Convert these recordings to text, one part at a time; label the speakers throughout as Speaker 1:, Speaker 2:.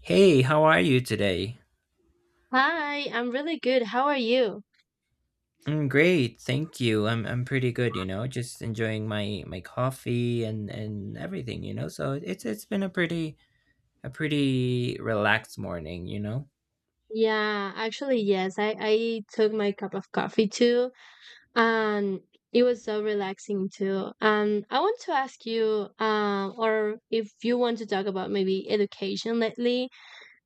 Speaker 1: Hey, how are you today?
Speaker 2: Hi, I'm really good. How are you?
Speaker 1: I'm great, thank you. I'm pretty good, you know, just enjoying my coffee and everything, you know. So it's been a pretty relaxed morning, you know.
Speaker 2: Yeah, actually, yes. I took my cup of coffee too, and it was so relaxing too. And I want to ask you, or if you want to talk about maybe education lately,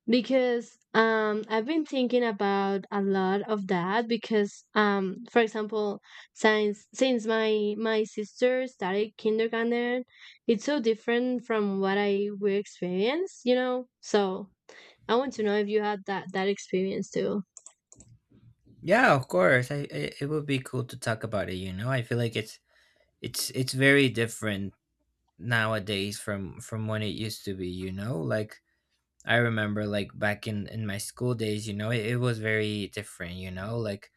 Speaker 2: because I've been thinking about a lot of that. Because for example, since my sister started kindergarten, it's so different from what I will experience, you know. So I want to know if you had that experience too.
Speaker 1: Yeah, of course. I it would be cool to talk about it, you know. I feel like it's very different nowadays from when it used to be, you know? Like I remember like back in my school days, you know, it was very different, you know, like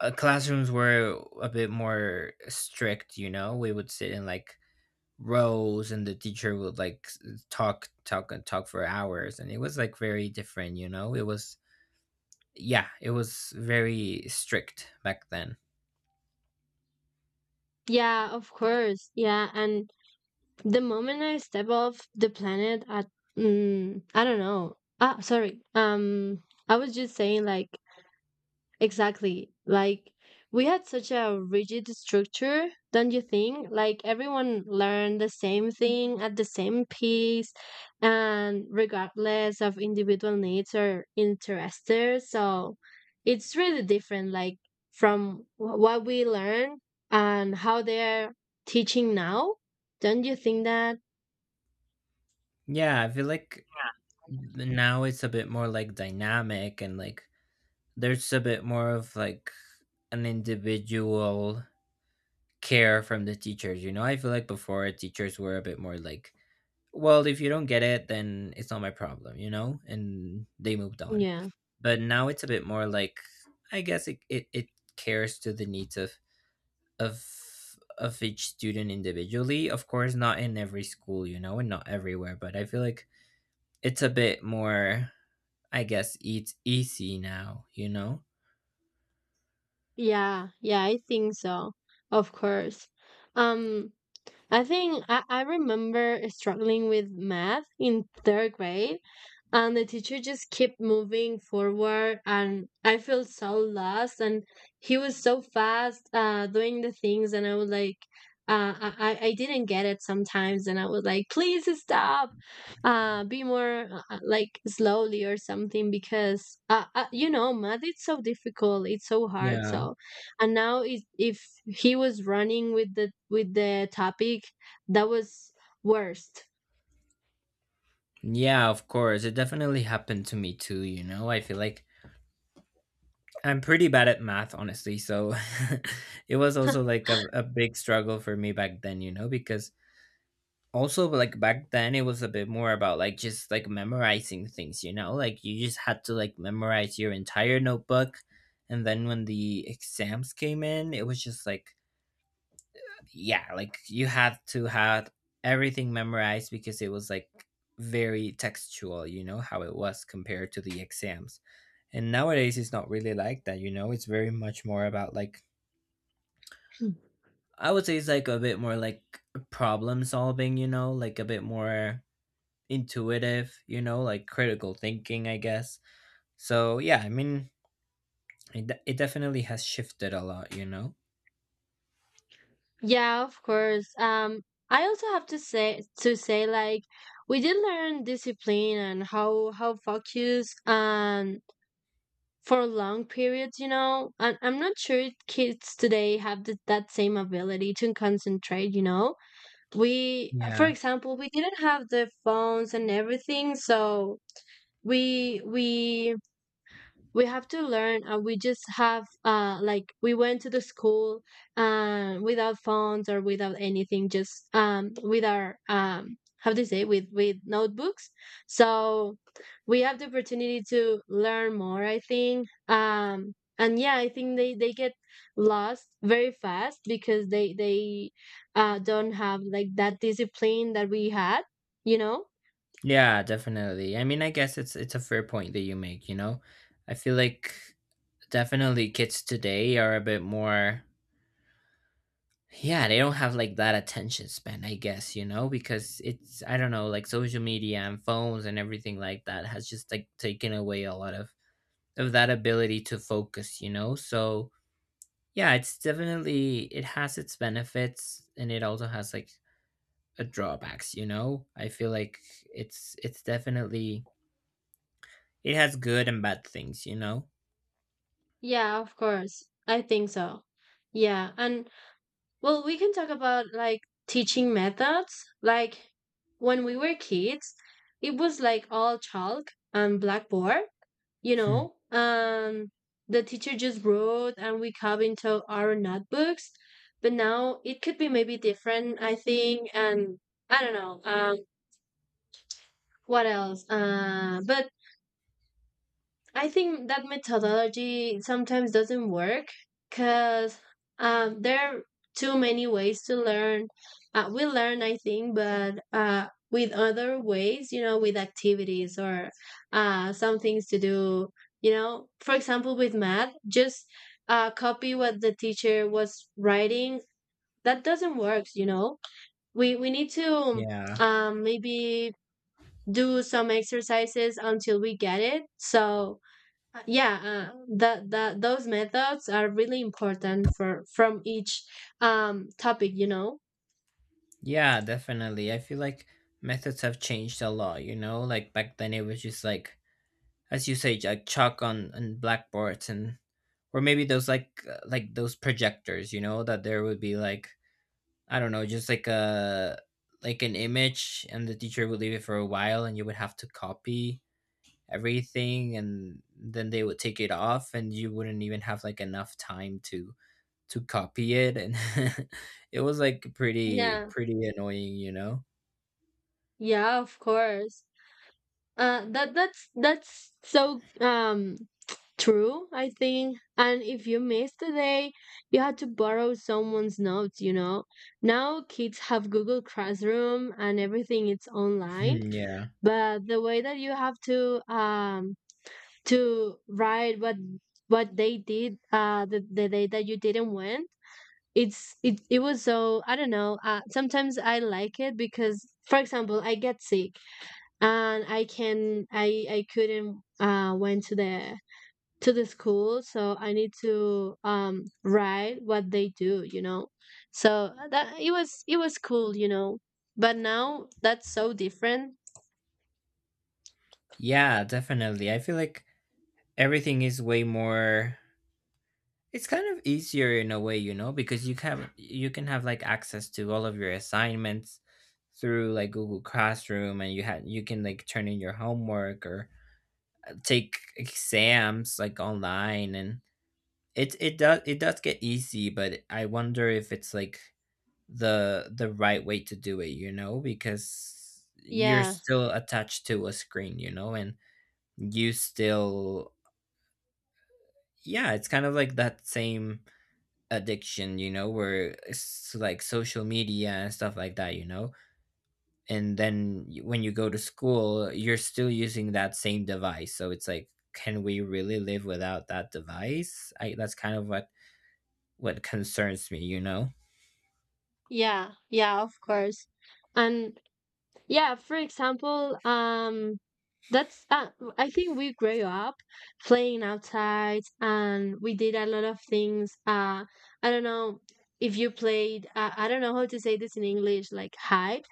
Speaker 1: classrooms were a bit more strict, you know. We would sit in like rows, and the teacher would like talk and talk for hours, and it was like very different, you know. It was yeah, it was very strict back then.
Speaker 2: Yeah, of course. Yeah, and the moment I step off the planet, I don't know. Ah, sorry. I was just saying like. Exactly. Like we had such a rigid structure, don't you think? Like everyone learned the same thing at the same pace and regardless of individual needs or interests. So it's really different, like, from what we learn and how they're teaching now. Don't you think that?
Speaker 1: Yeah, I feel like now it's a bit more like dynamic, and like there's a bit more of like an individual care from the teachers, you know. I feel like before teachers were a bit more like, well, if you don't get it, then it's not my problem, you know, and they moved on.
Speaker 2: Yeah.
Speaker 1: But now it's a bit more like, I guess it cares to the needs of of each student individually, of course not in every school, you know, and not everywhere, but I feel like it's a bit more, I guess it's easy now, you know.
Speaker 2: Yeah, yeah, I think so. Of course. Um I think I remember struggling with math in third grade, and the teacher just kept moving forward, and I felt so lost. And he was so fast, doing the things, and I was like, I didn't get it sometimes, and I was like, please stop, be more, like slowly or something, because math it's so difficult, it's so hard,
Speaker 1: Yeah,
Speaker 2: so. And now is if he was running with the topic that was worst.
Speaker 1: yeah, of course, it definitely happened to me too, you know. I feel like I'm pretty bad at math, honestly. So it was also like a big struggle for me back then, you know, because also like back then it was a bit more about like just like memorizing things, you know, like you just had to like memorize your entire notebook. And then when the exams came in, it was just like, yeah, like you had to have everything memorized, because it was like very textual, you know, how it was compared to the exams. And nowadays it's not really like that, you know, it's very much more about like, I would say it's like a bit more like problem solving, you know, like a bit more intuitive, you know, like critical thinking, I guess. So yeah, I mean, it definitely has shifted a lot, you know?
Speaker 2: Yeah, of course. I also have to say, like, we did learn discipline and how focus, for long periods, you know, and I'm not sure kids today have that same ability to concentrate, you know. We, for
Speaker 1: Yeah.
Speaker 2: example, we didn't have the phones and everything. So we we we have to learn, and we just have, like, we went to the school, without phones or without anything, just, with our, how do you say, with notebooks. So we have the opportunity to learn more, I think. And yeah, I think they get lost very fast because they don't have like that discipline that we had, you know.
Speaker 1: Yeah, definitely. I mean, I guess it's a fair point that you make, you know. I feel like definitely kids today are a bit more, yeah, they don't have like that attention span, I guess, you know, because it's, I don't know, like social media and phones and everything like that has just like taken away a lot of that ability to focus, you know. So, yeah, it's definitely, it has its benefits, and it also has like a drawbacks, you know. I feel like it's definitely it has good and bad things, you know?
Speaker 2: Yeah, of course, I think so. Yeah. And well, we can talk about, like, teaching methods. Like when we were kids, it was like all chalk and blackboard, you know,
Speaker 1: Hmm.
Speaker 2: and the teacher just wrote and we carved into our notebooks. But now it could be maybe different, I think. And I don't know. What else? But I think that methodology sometimes doesn't work because, there are too many ways to learn. We learn, I think, but, with other ways, you know, with activities or, some things to do. You know, for example, with math, just, copy what the teacher was writing. That doesn't work. You know, we need to,
Speaker 1: Yeah,
Speaker 2: maybe do some exercises until we get it. So, yeah, the those methods are really important for from each topic, you know.
Speaker 1: yeah, definitely. I feel like methods have changed a lot, you know? Like back then it was just like, as you say, like chalk on and blackboards, and or maybe those like those projectors, you know, that there would be like, I don't know, just like a like an image, and the teacher would leave it for a while and you would have to copy everything, and then they would take it off and you wouldn't even have like enough time to copy it, and it was like pretty
Speaker 2: Yeah,
Speaker 1: pretty annoying, you know?
Speaker 2: yeah, of course. That's so, true, I think. And if you missed a day, you had to borrow someone's notes, you know. Now kids have Google Classroom and everything, it's online,
Speaker 1: Hmm, yeah.
Speaker 2: but the way that you have to, to write what they did, the day that you didn't win, it was so, I don't know. Sometimes I like it because, for example, I get sick, and I can I couldn't, went to the school, so I need to, write what they do, you know. So, that, it was cool, you know. But now that's so different.
Speaker 1: Yeah, definitely. I feel like everything is way more, it's kind of easier in a way, you know, because you can have like access to all of your assignments through like Google Classroom, and you can like turn in your homework or take exams like online, and it does get easy, but I wonder if it's like the right way to do it, you know, because you're
Speaker 2: Yeah.
Speaker 1: still attached to a screen, you know, and you still yeah, it's kind of like that same addiction, you know, where it's like social media and stuff like that, you know. And then when you go to school, you're still using that same device. So it's like, can we really live without that device? I that's kind of what concerns me, you know.
Speaker 2: Yeah, yeah, of course. And, yeah, for example, that's I think we grew up playing outside, and we did a lot of things. I don't know if you played. I don't know how to say this in English. Like hide.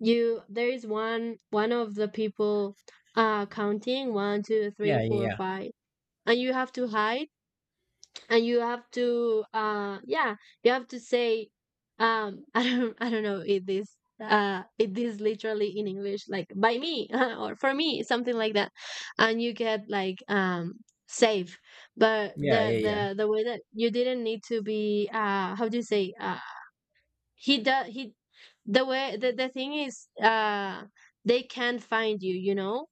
Speaker 2: You, there is one of the people, counting one, two, three,
Speaker 1: Yeah, yeah,
Speaker 2: four,
Speaker 1: yeah.
Speaker 2: five, and you have to hide, and you have to, yeah, you have to say, I don't know if this, if this literally in English, like, by me or for me, something like that. And you get like, safe. But
Speaker 1: Yeah, yeah,
Speaker 2: the
Speaker 1: yeah.
Speaker 2: the the way that you didn't need to be, how do you say, he does he the thing is, they can't find you, you know.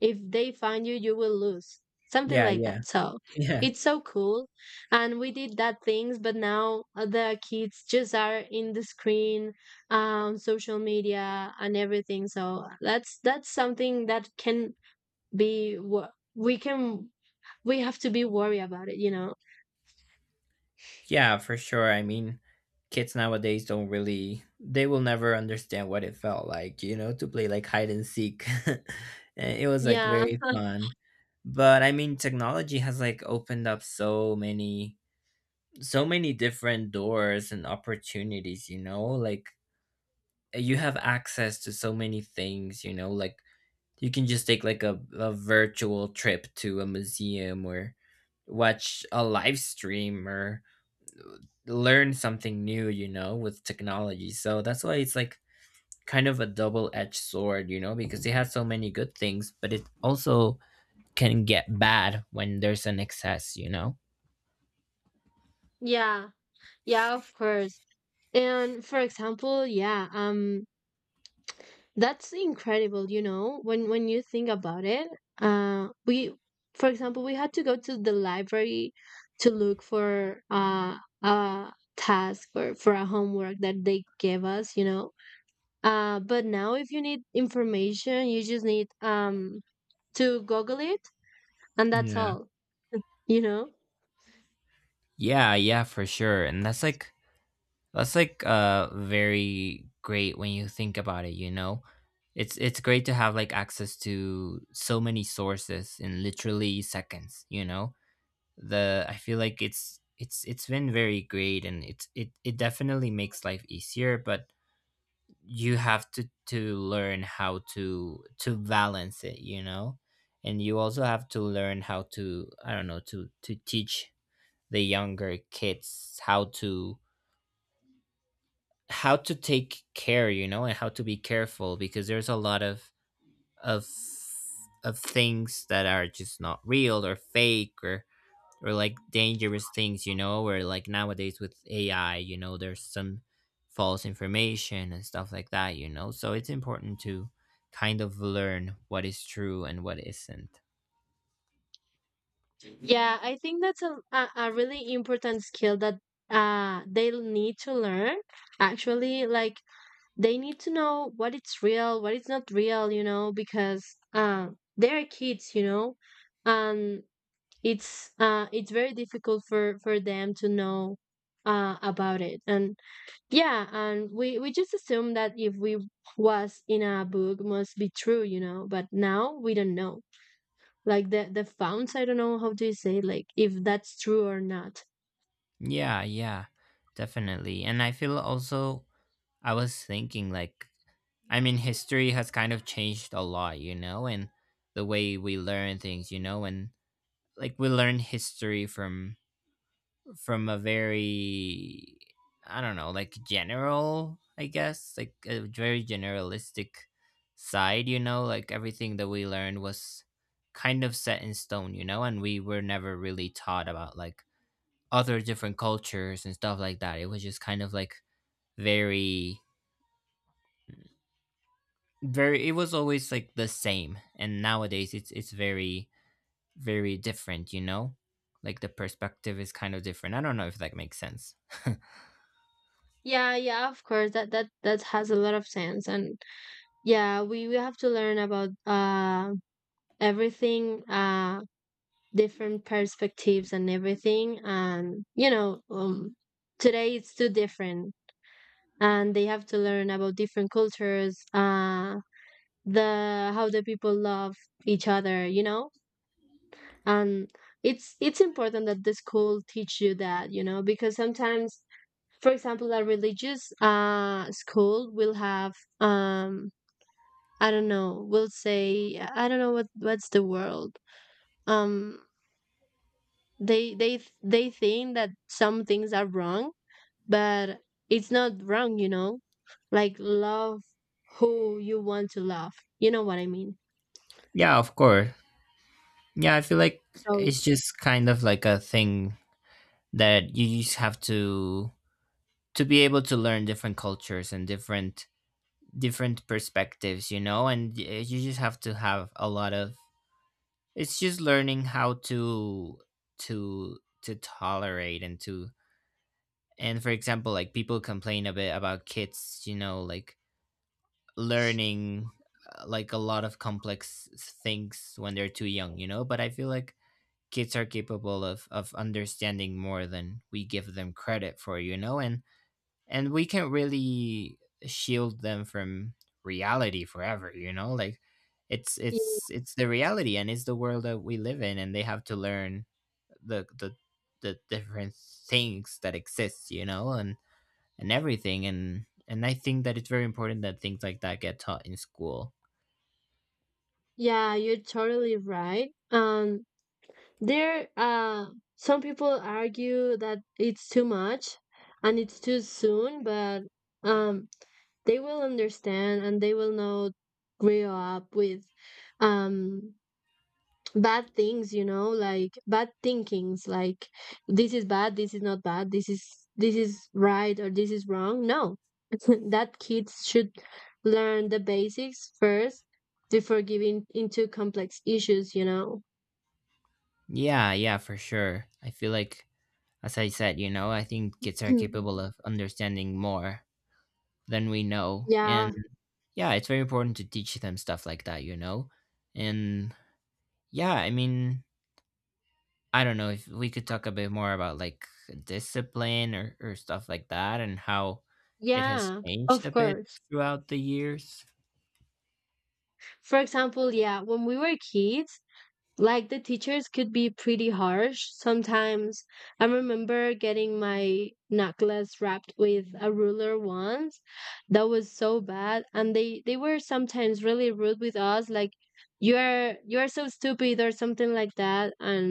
Speaker 2: If they find you will lose, something
Speaker 1: Yeah,
Speaker 2: like
Speaker 1: yeah.
Speaker 2: that. So it's so cool, and we did that things, but now the kids just are in the screen, social media and everything. So that's something that can be, we can we have to be worried about it, you know.
Speaker 1: Yeah, for sure. I mean, kids nowadays don't really, they will never understand what it felt like, you know, to play like hide and seek. And it was like
Speaker 2: Yeah.
Speaker 1: very fun. But I mean, technology has like opened up so many, so many different doors and opportunities, you know, like you have access to so many things, you know, like you can just take like a virtual trip to a museum or watch a live stream or learn something new, you know, with technology. So that's why it's like kind of a double edged sword, you know, because it has so many good things, but it also can get bad when there's an excess, you know?
Speaker 2: Yeah, yeah, of course. And for example, yeah, that's incredible, you know, when you think about it. We, for example, we had to go to the library to look for, a task or for a homework that they gave us, you know. But now if you need information, you just need, to Google it, and that's
Speaker 1: Yeah.
Speaker 2: all, you know.
Speaker 1: Yeah, yeah, for sure. And that's like very great when you think about it, you know. It's great to have like access to so many sources in literally seconds, you know. The I feel like it's been very great, and it definitely makes life easier, but you have to learn how to balance it, you know? And you also have to learn how to, I don't know, to teach the younger kids how to take care, you know, and how to be careful, because there's a lot of of things that are just not real or fake or like dangerous things, you know, where like nowadays with AI, you know, there's some false information and stuff like that, you know. So it's important to kind of learn what is true and what isn't.
Speaker 2: Yeah, I think that's a really important skill that, they'll need to learn, actually, like, they need to know what it's real, what it's not real, you know, because, uh, they're kids, you know, and it's very difficult for them to know, about it. And yeah, and we just assume that if we was in a book must be true, you know, but now we don't know. Like the founts, I don't know how do you say, like, if that's true or not.
Speaker 1: Yeah, yeah, definitely. And I feel also, I was thinking like, I mean, history has kind of changed a lot, you know, and the way we learn things, you know, and like we learn history from a very, I don't know, like general, I guess, like a very generalistic side, you know, like everything that we learned was kind of set in stone, you know, and we were never really taught about like other different cultures and stuff like that. It was just kind of like very, very it was always like the same. And nowadays it's very, very different, you know? Like the perspective is kind of different. I don't know if that makes sense.
Speaker 2: Yeah, yeah, of course. That has a lot of sense, and yeah, we have to learn about, everything, different perspectives and everything, and you know, today it's too different, and they have to learn about different cultures, the how the people love each other, you know. And it's important that the school teach you that, you know, because sometimes, for example, a religious, school will have, um I don't know, will say, I don't know, what's the word, um they think that some things are wrong, but it's not wrong, you know, like, love who you want to love. You know what I mean?
Speaker 1: Yeah, of course. Yeah, I feel like
Speaker 2: So,
Speaker 1: it's just kind of like a thing that you just have to be able to learn different cultures and different perspectives, you know, and you just have to have a lot of, it's just learning how to tolerate, and for example, like people complain a bit about kids, you know, like learning like a lot of complex things when they're too young, you know, but I feel like kids are capable of understanding more than we give them credit for, you know, and we can really shield them from reality forever, you know, like it's
Speaker 2: y-
Speaker 1: it's it's the reality, and it's the world that we live in, and they have to learn the the the different things that exist, you know, and everything, and I think that it's very important that things like that get taught in school.
Speaker 2: yeah you're totally right. There, some people argue that it's too much and it's too soon, but, um they will understand, and they will not grow up with, um bad things, you know, like bad thinkings, like this is bad, this is not bad, this is right, or this is wrong. No. That kids should learn the basics first before giving into complex issues, you know.
Speaker 1: Yeah, yeah, for sure, I feel like, as I said, you know, I think kids are capable of understanding more than we know.
Speaker 2: Yeah,
Speaker 1: And yeah, it's very important to teach them stuff like that, you know? And yeah, I mean, I don't know if we could talk a bit more about like discipline, or stuff like that, and how it has
Speaker 2: yeah,
Speaker 1: changed
Speaker 2: of
Speaker 1: a bit
Speaker 2: course.
Speaker 1: throughout the years.
Speaker 2: For example, yeah, when we were kids, like the teachers could be pretty harsh sometimes. I remember getting my knuckles wrapped with a ruler once. That was so bad, and they were sometimes really rude with us, like, you're so stupid or something like that. And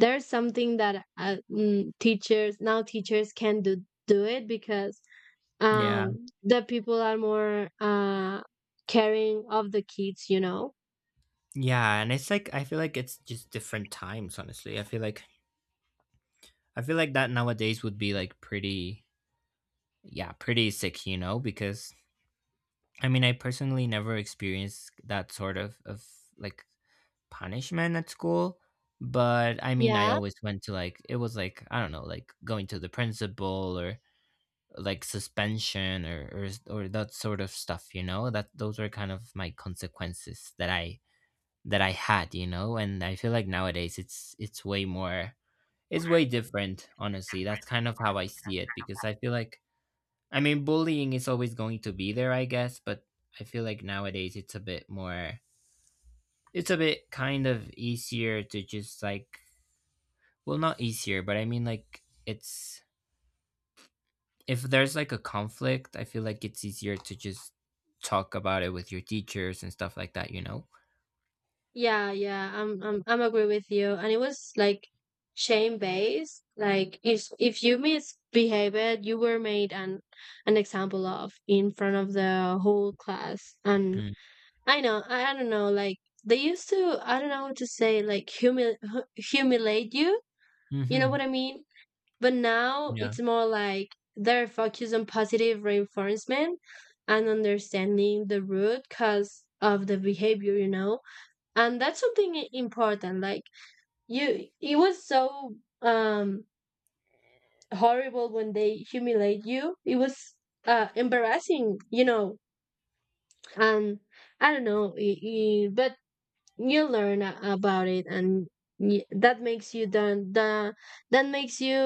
Speaker 2: there's something that, teachers now teachers can do it, because,
Speaker 1: Yeah.
Speaker 2: the people are more, caring of the kids, you know.
Speaker 1: Yeah. And it's like, I feel like it's just different times, honestly. I feel like that nowadays would be like pretty, yeah, pretty sick, you know, because I mean, I personally never experienced that sort of like punishment at school, but I mean, I
Speaker 2: Yeah.
Speaker 1: always went to like, it was like, I don't know, like going to the principal or like suspension or or that sort of stuff, you know? That those were kind of my consequences that I had, you know? And I feel like nowadays it's way different, honestly. That's kind of how I see it, because I feel like I mean, bullying is always going to be there, I guess, but I feel like nowadays it's a bit more, it's a bit kind of easier to just like, well, not easier, but I mean, like, it's, if there's like a conflict, I feel like it's easier to just talk about it with your teachers and stuff like that, you know?
Speaker 2: Yeah, yeah, I'm agree with you. And it was like shame based. Like, if you misbehaved, you were made an example of in front of the whole class. And
Speaker 1: Hmm.
Speaker 2: I know, I don't know, like they used to, I don't know how to say, like, humiliate you. You know
Speaker 1: Mm-hmm.
Speaker 2: what I mean? But now
Speaker 1: Yeah.
Speaker 2: it's more like they're focused on positive reinforcement and understanding the root cause of the behavior, you know? And that's something, important, like, you, it was so, um horrible when they humiliate you. It was, embarrassing, you know. And I don't know, I but you learn, about it. And that makes you don't, the that makes you,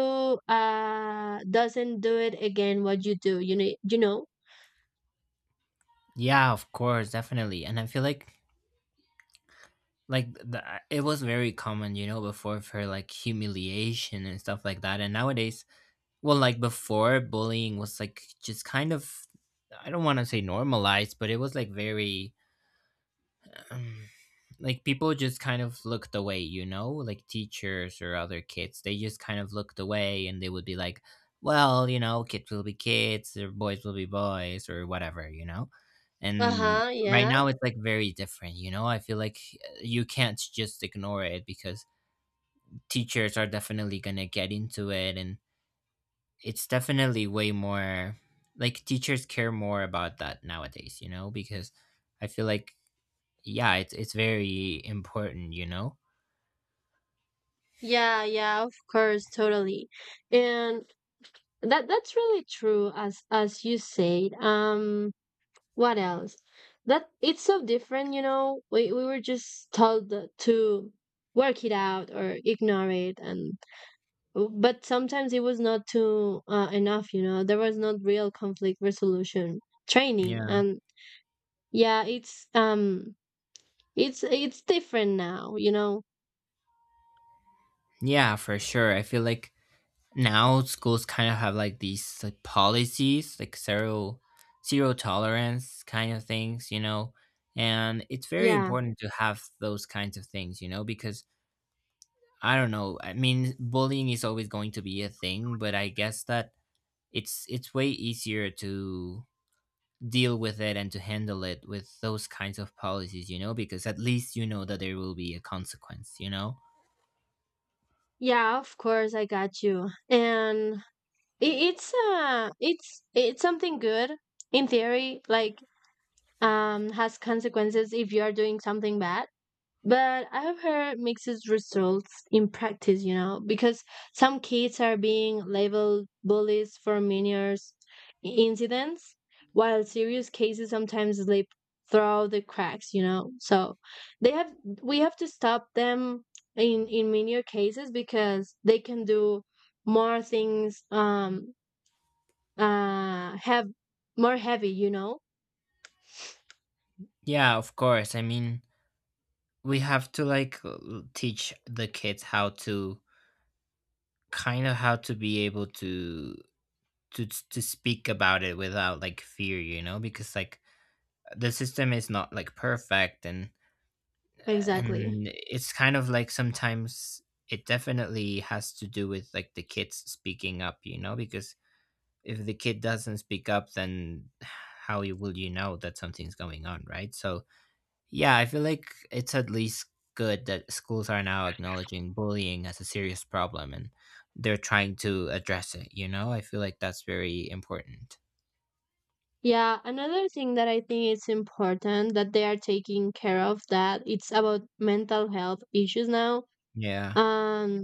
Speaker 2: doesn't do it again, what you do.
Speaker 1: Yeah, of course, definitely. And I feel like the, it was very common, you know, before, for like humiliation and stuff like that. And nowadays, well, like before, bullying was like just kind of, I don't want to say normalized, but it was like very, um, like people just kind of looked away, you know? Like teachers or other kids, they just kind of looked away and they would be like, well, you know, kids will be kids, or boys will be boys, or whatever, you know? And
Speaker 2: Uh-huh. Mm.
Speaker 1: right
Speaker 2: Yeah,
Speaker 1: now it's like very different, you know? I feel like you can't just ignore it because teachers are definitely going to get into it, and it's definitely way more, like teachers care more about that nowadays, you know, because I feel like yeah, it's very important, you know.
Speaker 2: yeah, yeah, of course, totally. And that's really true, as you said. What else? That it's so different, you know. We were just told that, to work it out or ignore it, and but sometimes it was not too, enough, you know. There was not real conflict resolution training.
Speaker 1: Yeah.
Speaker 2: And yeah, it's different now, you know.
Speaker 1: Yeah, for sure. I feel like now schools kind of have like these like policies, like zero tolerance kind of things, you know. And it's very
Speaker 2: Yeah.
Speaker 1: important to have those kinds of things, you know, because I don't know. I mean, bullying is always going to be a thing, but I guess that it's way easier to deal with it and to handle it with those kinds of policies, you know, because at least you know that there will be a consequence, you know?
Speaker 2: Yeah, of course, I got you. And it, it's something good in theory, like has consequences if you are doing something bad, but I have heard mixed results in practice, you know, because some kids are being labeled bullies for incidents while serious cases sometimes slip through the cracks, you know. So they have we have to stop them in minor cases because they can do more things, have more heavy, you know.
Speaker 1: Yeah, of course. I mean, we have to like teach the kids how to kind of how to be able to to speak about it without like fear, you know, because like the system is not like perfect,
Speaker 2: Exactly.
Speaker 1: and it's kind of like sometimes it definitely has to do with like the kids speaking up, you know, because if the kid doesn't speak up, then how will you know that something's going on, right? So yeah, I feel like it's at least good that schools are now acknowledging bullying as a serious problem and they're trying to address it, you know, I feel like that's very important.
Speaker 2: Yeah, another thing that I think it's important that they are taking care of, that it's about mental health issues now.
Speaker 1: Yeah.
Speaker 2: um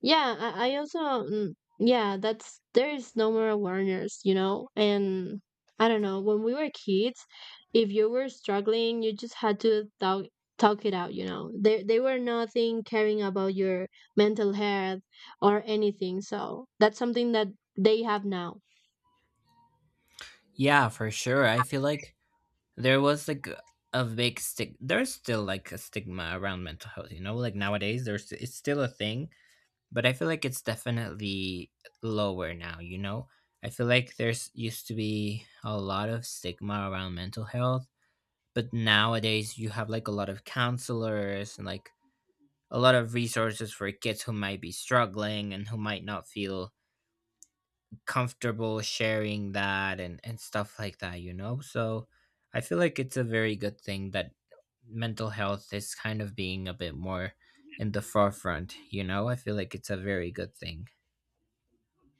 Speaker 2: Yeah, I also yeah, that's there is no more awareness, you know. And I don't know, when we were kids, if you were struggling, you just had to talk it out, you know. They were nothing caring about your mental health or anything. So that's something that they have now.
Speaker 1: Yeah, for sure. I feel like there was like a big stick. There's still like a stigma around mental health, you know? Like nowadays, there's it's still a thing, but I feel like it's definitely lower now, you know? I feel like there's used to be a lot of stigma around mental health, but nowadays you have like a lot of counselors and like a lot of resources for kids who might be struggling and who might not feel comfortable sharing that, and stuff like that, you know? So I feel like it's a very good thing that mental health is kind of being a bit more in the forefront, you know? I feel like it's a very good thing.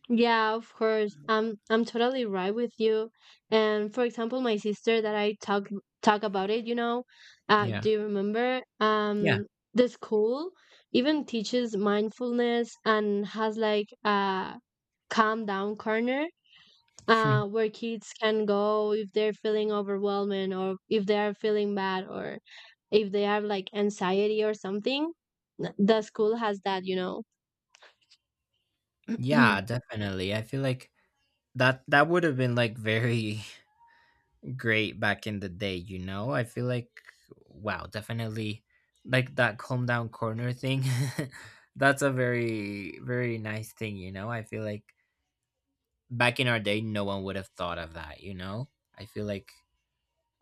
Speaker 2: Yeah, of course. I'm totally right with you. And for example, my sister that I talk about it, you know,
Speaker 1: Yeah.
Speaker 2: do you remember?
Speaker 1: Yeah.
Speaker 2: The school even teaches mindfulness and has like a calm down corner, where kids can go if they're feeling overwhelming or if they are feeling bad or if they have like anxiety or something. The school has that, you know.
Speaker 1: Yeah, definitely. I feel like that would have been like very great back in the day, you know? I feel like wow, definitely like that calm down corner thing. That's a very very nice thing, you know? I feel like back in our day no one would have thought of that, you know? I feel like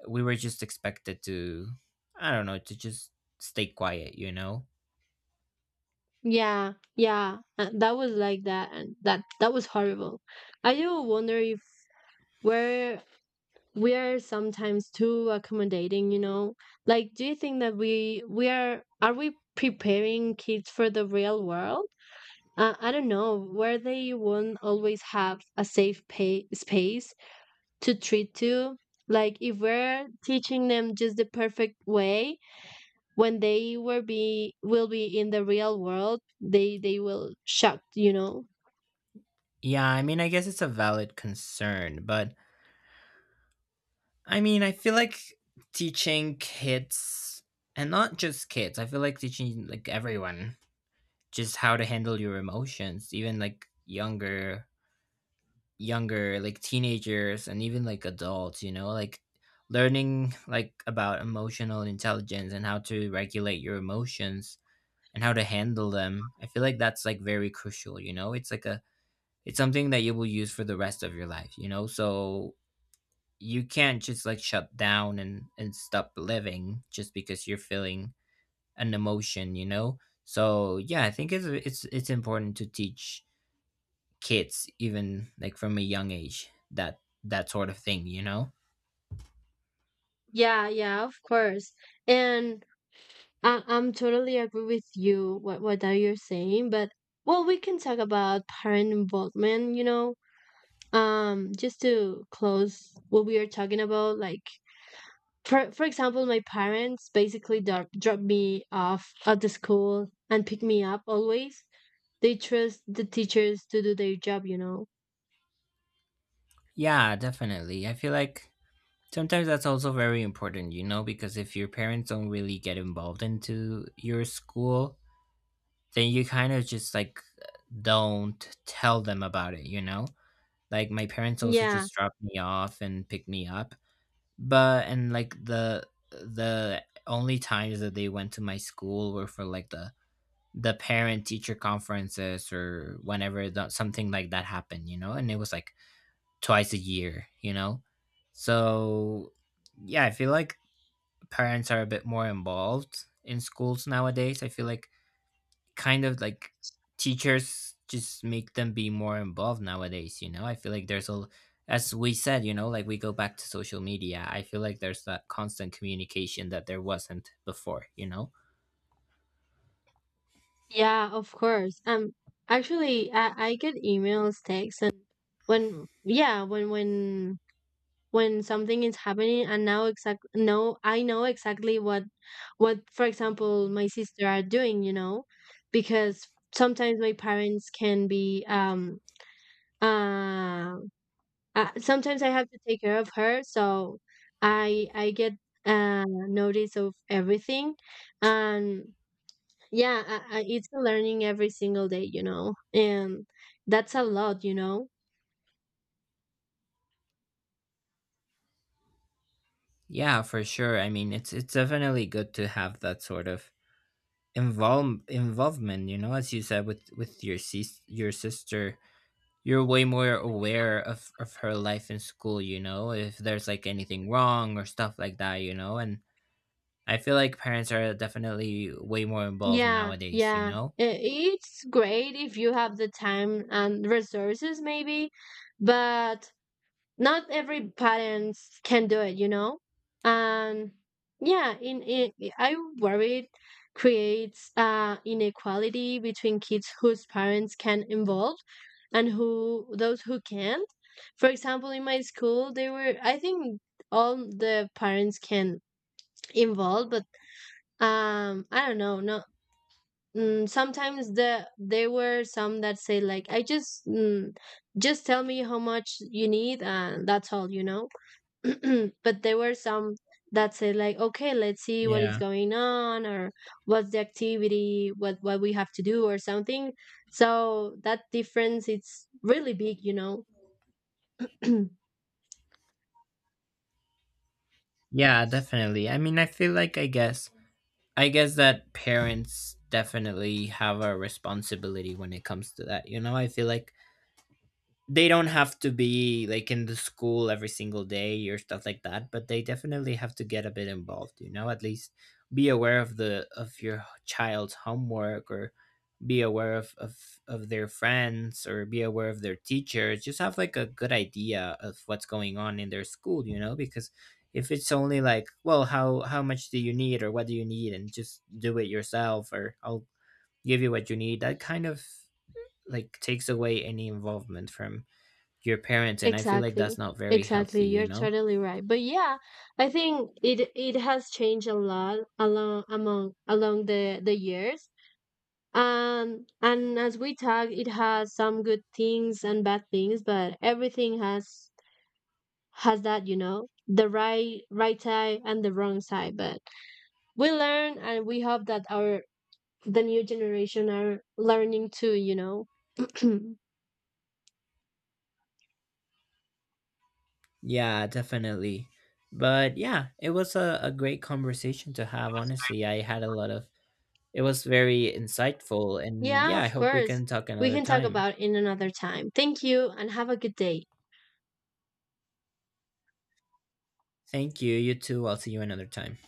Speaker 1: we were just expected to I don't know, to just stay quiet, you know?
Speaker 2: Yeah, yeah, that was like that, and that was horrible. I do wonder if we're we are sometimes too accommodating, you know. Like, do you think that we are we preparing kids for the real world? I don't know, where they won't always have a safe pay space to treat to. Like, if we're teaching them just the perfect way, when they will be in the real world, they will shocked, you know.
Speaker 1: Yeah, I mean, I guess it's a valid concern, but I mean, I feel like teaching kids, and not just kids, I feel like teaching like everyone just how to handle your emotions, even like younger, younger, like teenagers and even like adults, you know, like learning like about emotional intelligence and how to regulate your emotions and how to handle them. I feel like that's like very crucial, you know? It's like a it's something that you will use for the rest of your life, you know? So you can't just like shut down and stop living just because you're feeling an emotion, you know? So yeah, I think it's important to teach kids even like from a young age that that sort of thing, you know.
Speaker 2: Yeah, yeah, of course. And I'm totally agree with you what that you're saying, but well, we can talk about parent involvement, you know. Just to close what we are talking about, like for example, my parents basically drop me off at the school and pick me up always. They trust the teachers to do their job, you know.
Speaker 1: Yeah, definitely, I feel like sometimes that's also very important, you know, because if your parents don't really get involved into your school, then you kind of just like don't tell them about it, you know. Like my parents also
Speaker 2: Yeah.
Speaker 1: just dropped me off and picked me up. But and like the only times that they went to my school were for like the parent teacher conferences or whenever that something like that happened, you know, and it was like twice a year, you know. So yeah, I feel like parents are a bit more involved in schools nowadays. I feel like kind of like teachers just make them be more involved nowadays, you know, I feel like there's a, as we said, you know, like we go back to social media, I feel like there's that constant communication that there wasn't before, you know.
Speaker 2: Yeah, of course. Actually, I get emails, texts, and when yeah, when something is happening, and now exact no, I know exactly what for example my sister are doing, you know, because sometimes my parents can be uh, sometimes I have to take care of her. So I get notice of everything, and yeah, I, it's a learning every single day, you know. And that's a lot, you know.
Speaker 1: Yeah, for sure. I mean, it's definitely good to have that sort of involvement, you know, as you said, with your sis your sister. You're way more aware of her life in school, you know, if there's like anything wrong or stuff like that, you know. And I feel like parents are definitely way more involved
Speaker 2: Yeah,
Speaker 1: nowadays, you
Speaker 2: yeah,
Speaker 1: know?
Speaker 2: I- it's great if you have the time and resources maybe, but not every parents can do it, you know? And yeah, in I worry it creates inequality between kids whose parents can involve and who those who can't. For example, in my school, they were, I think, all the parents can involve, but I don't know, no. Sometimes there were some that say like, I just just tell me how much you need and that's all, you know. But there were some that said like, okay, let's see
Speaker 1: Mm.
Speaker 2: what is
Speaker 1: Yeah.
Speaker 2: going on, or what's the activity, what we have to do or something. So that difference, it's really big, you know.
Speaker 1: Yeah, definitely. I mean, I feel like I guess that parents definitely have a responsibility when it comes to that. You know, I feel like they don't have to be like in the school every single day or stuff like that, but they definitely have to get a bit involved, you know, at least be aware of the of your child's homework, or be aware of, of their friends, or be aware of their teachers, just have like a good idea of what's going on in their school, you know, because if it's only like, well, how much do you need, or what do you need, and just do it yourself, or I'll give you what you need, that kind of like takes away any involvement from your parents, and I feel like that's
Speaker 2: Exactly.
Speaker 1: not very
Speaker 2: Exactly,
Speaker 1: healthy, you
Speaker 2: you're
Speaker 1: know.
Speaker 2: totally right. But yeah, I think it it has changed a lot, along the years. And as we talk, it has some good things and bad things, but everything has that, you know, the right side and the wrong side. But we learn, and we hope that our the new generation are learning too, you know.
Speaker 1: Yeah, definitely. But yeah, it was a great conversation to have. Honestly, I had a lot of, it was very insightful. And
Speaker 2: Yeah,
Speaker 1: yeah, I
Speaker 2: of
Speaker 1: hope we
Speaker 2: course.
Speaker 1: can talk
Speaker 2: We
Speaker 1: another
Speaker 2: can talk
Speaker 1: time.
Speaker 2: about in another time. Thank you and have a good day.
Speaker 1: Thank you. You too. I'll see you another time.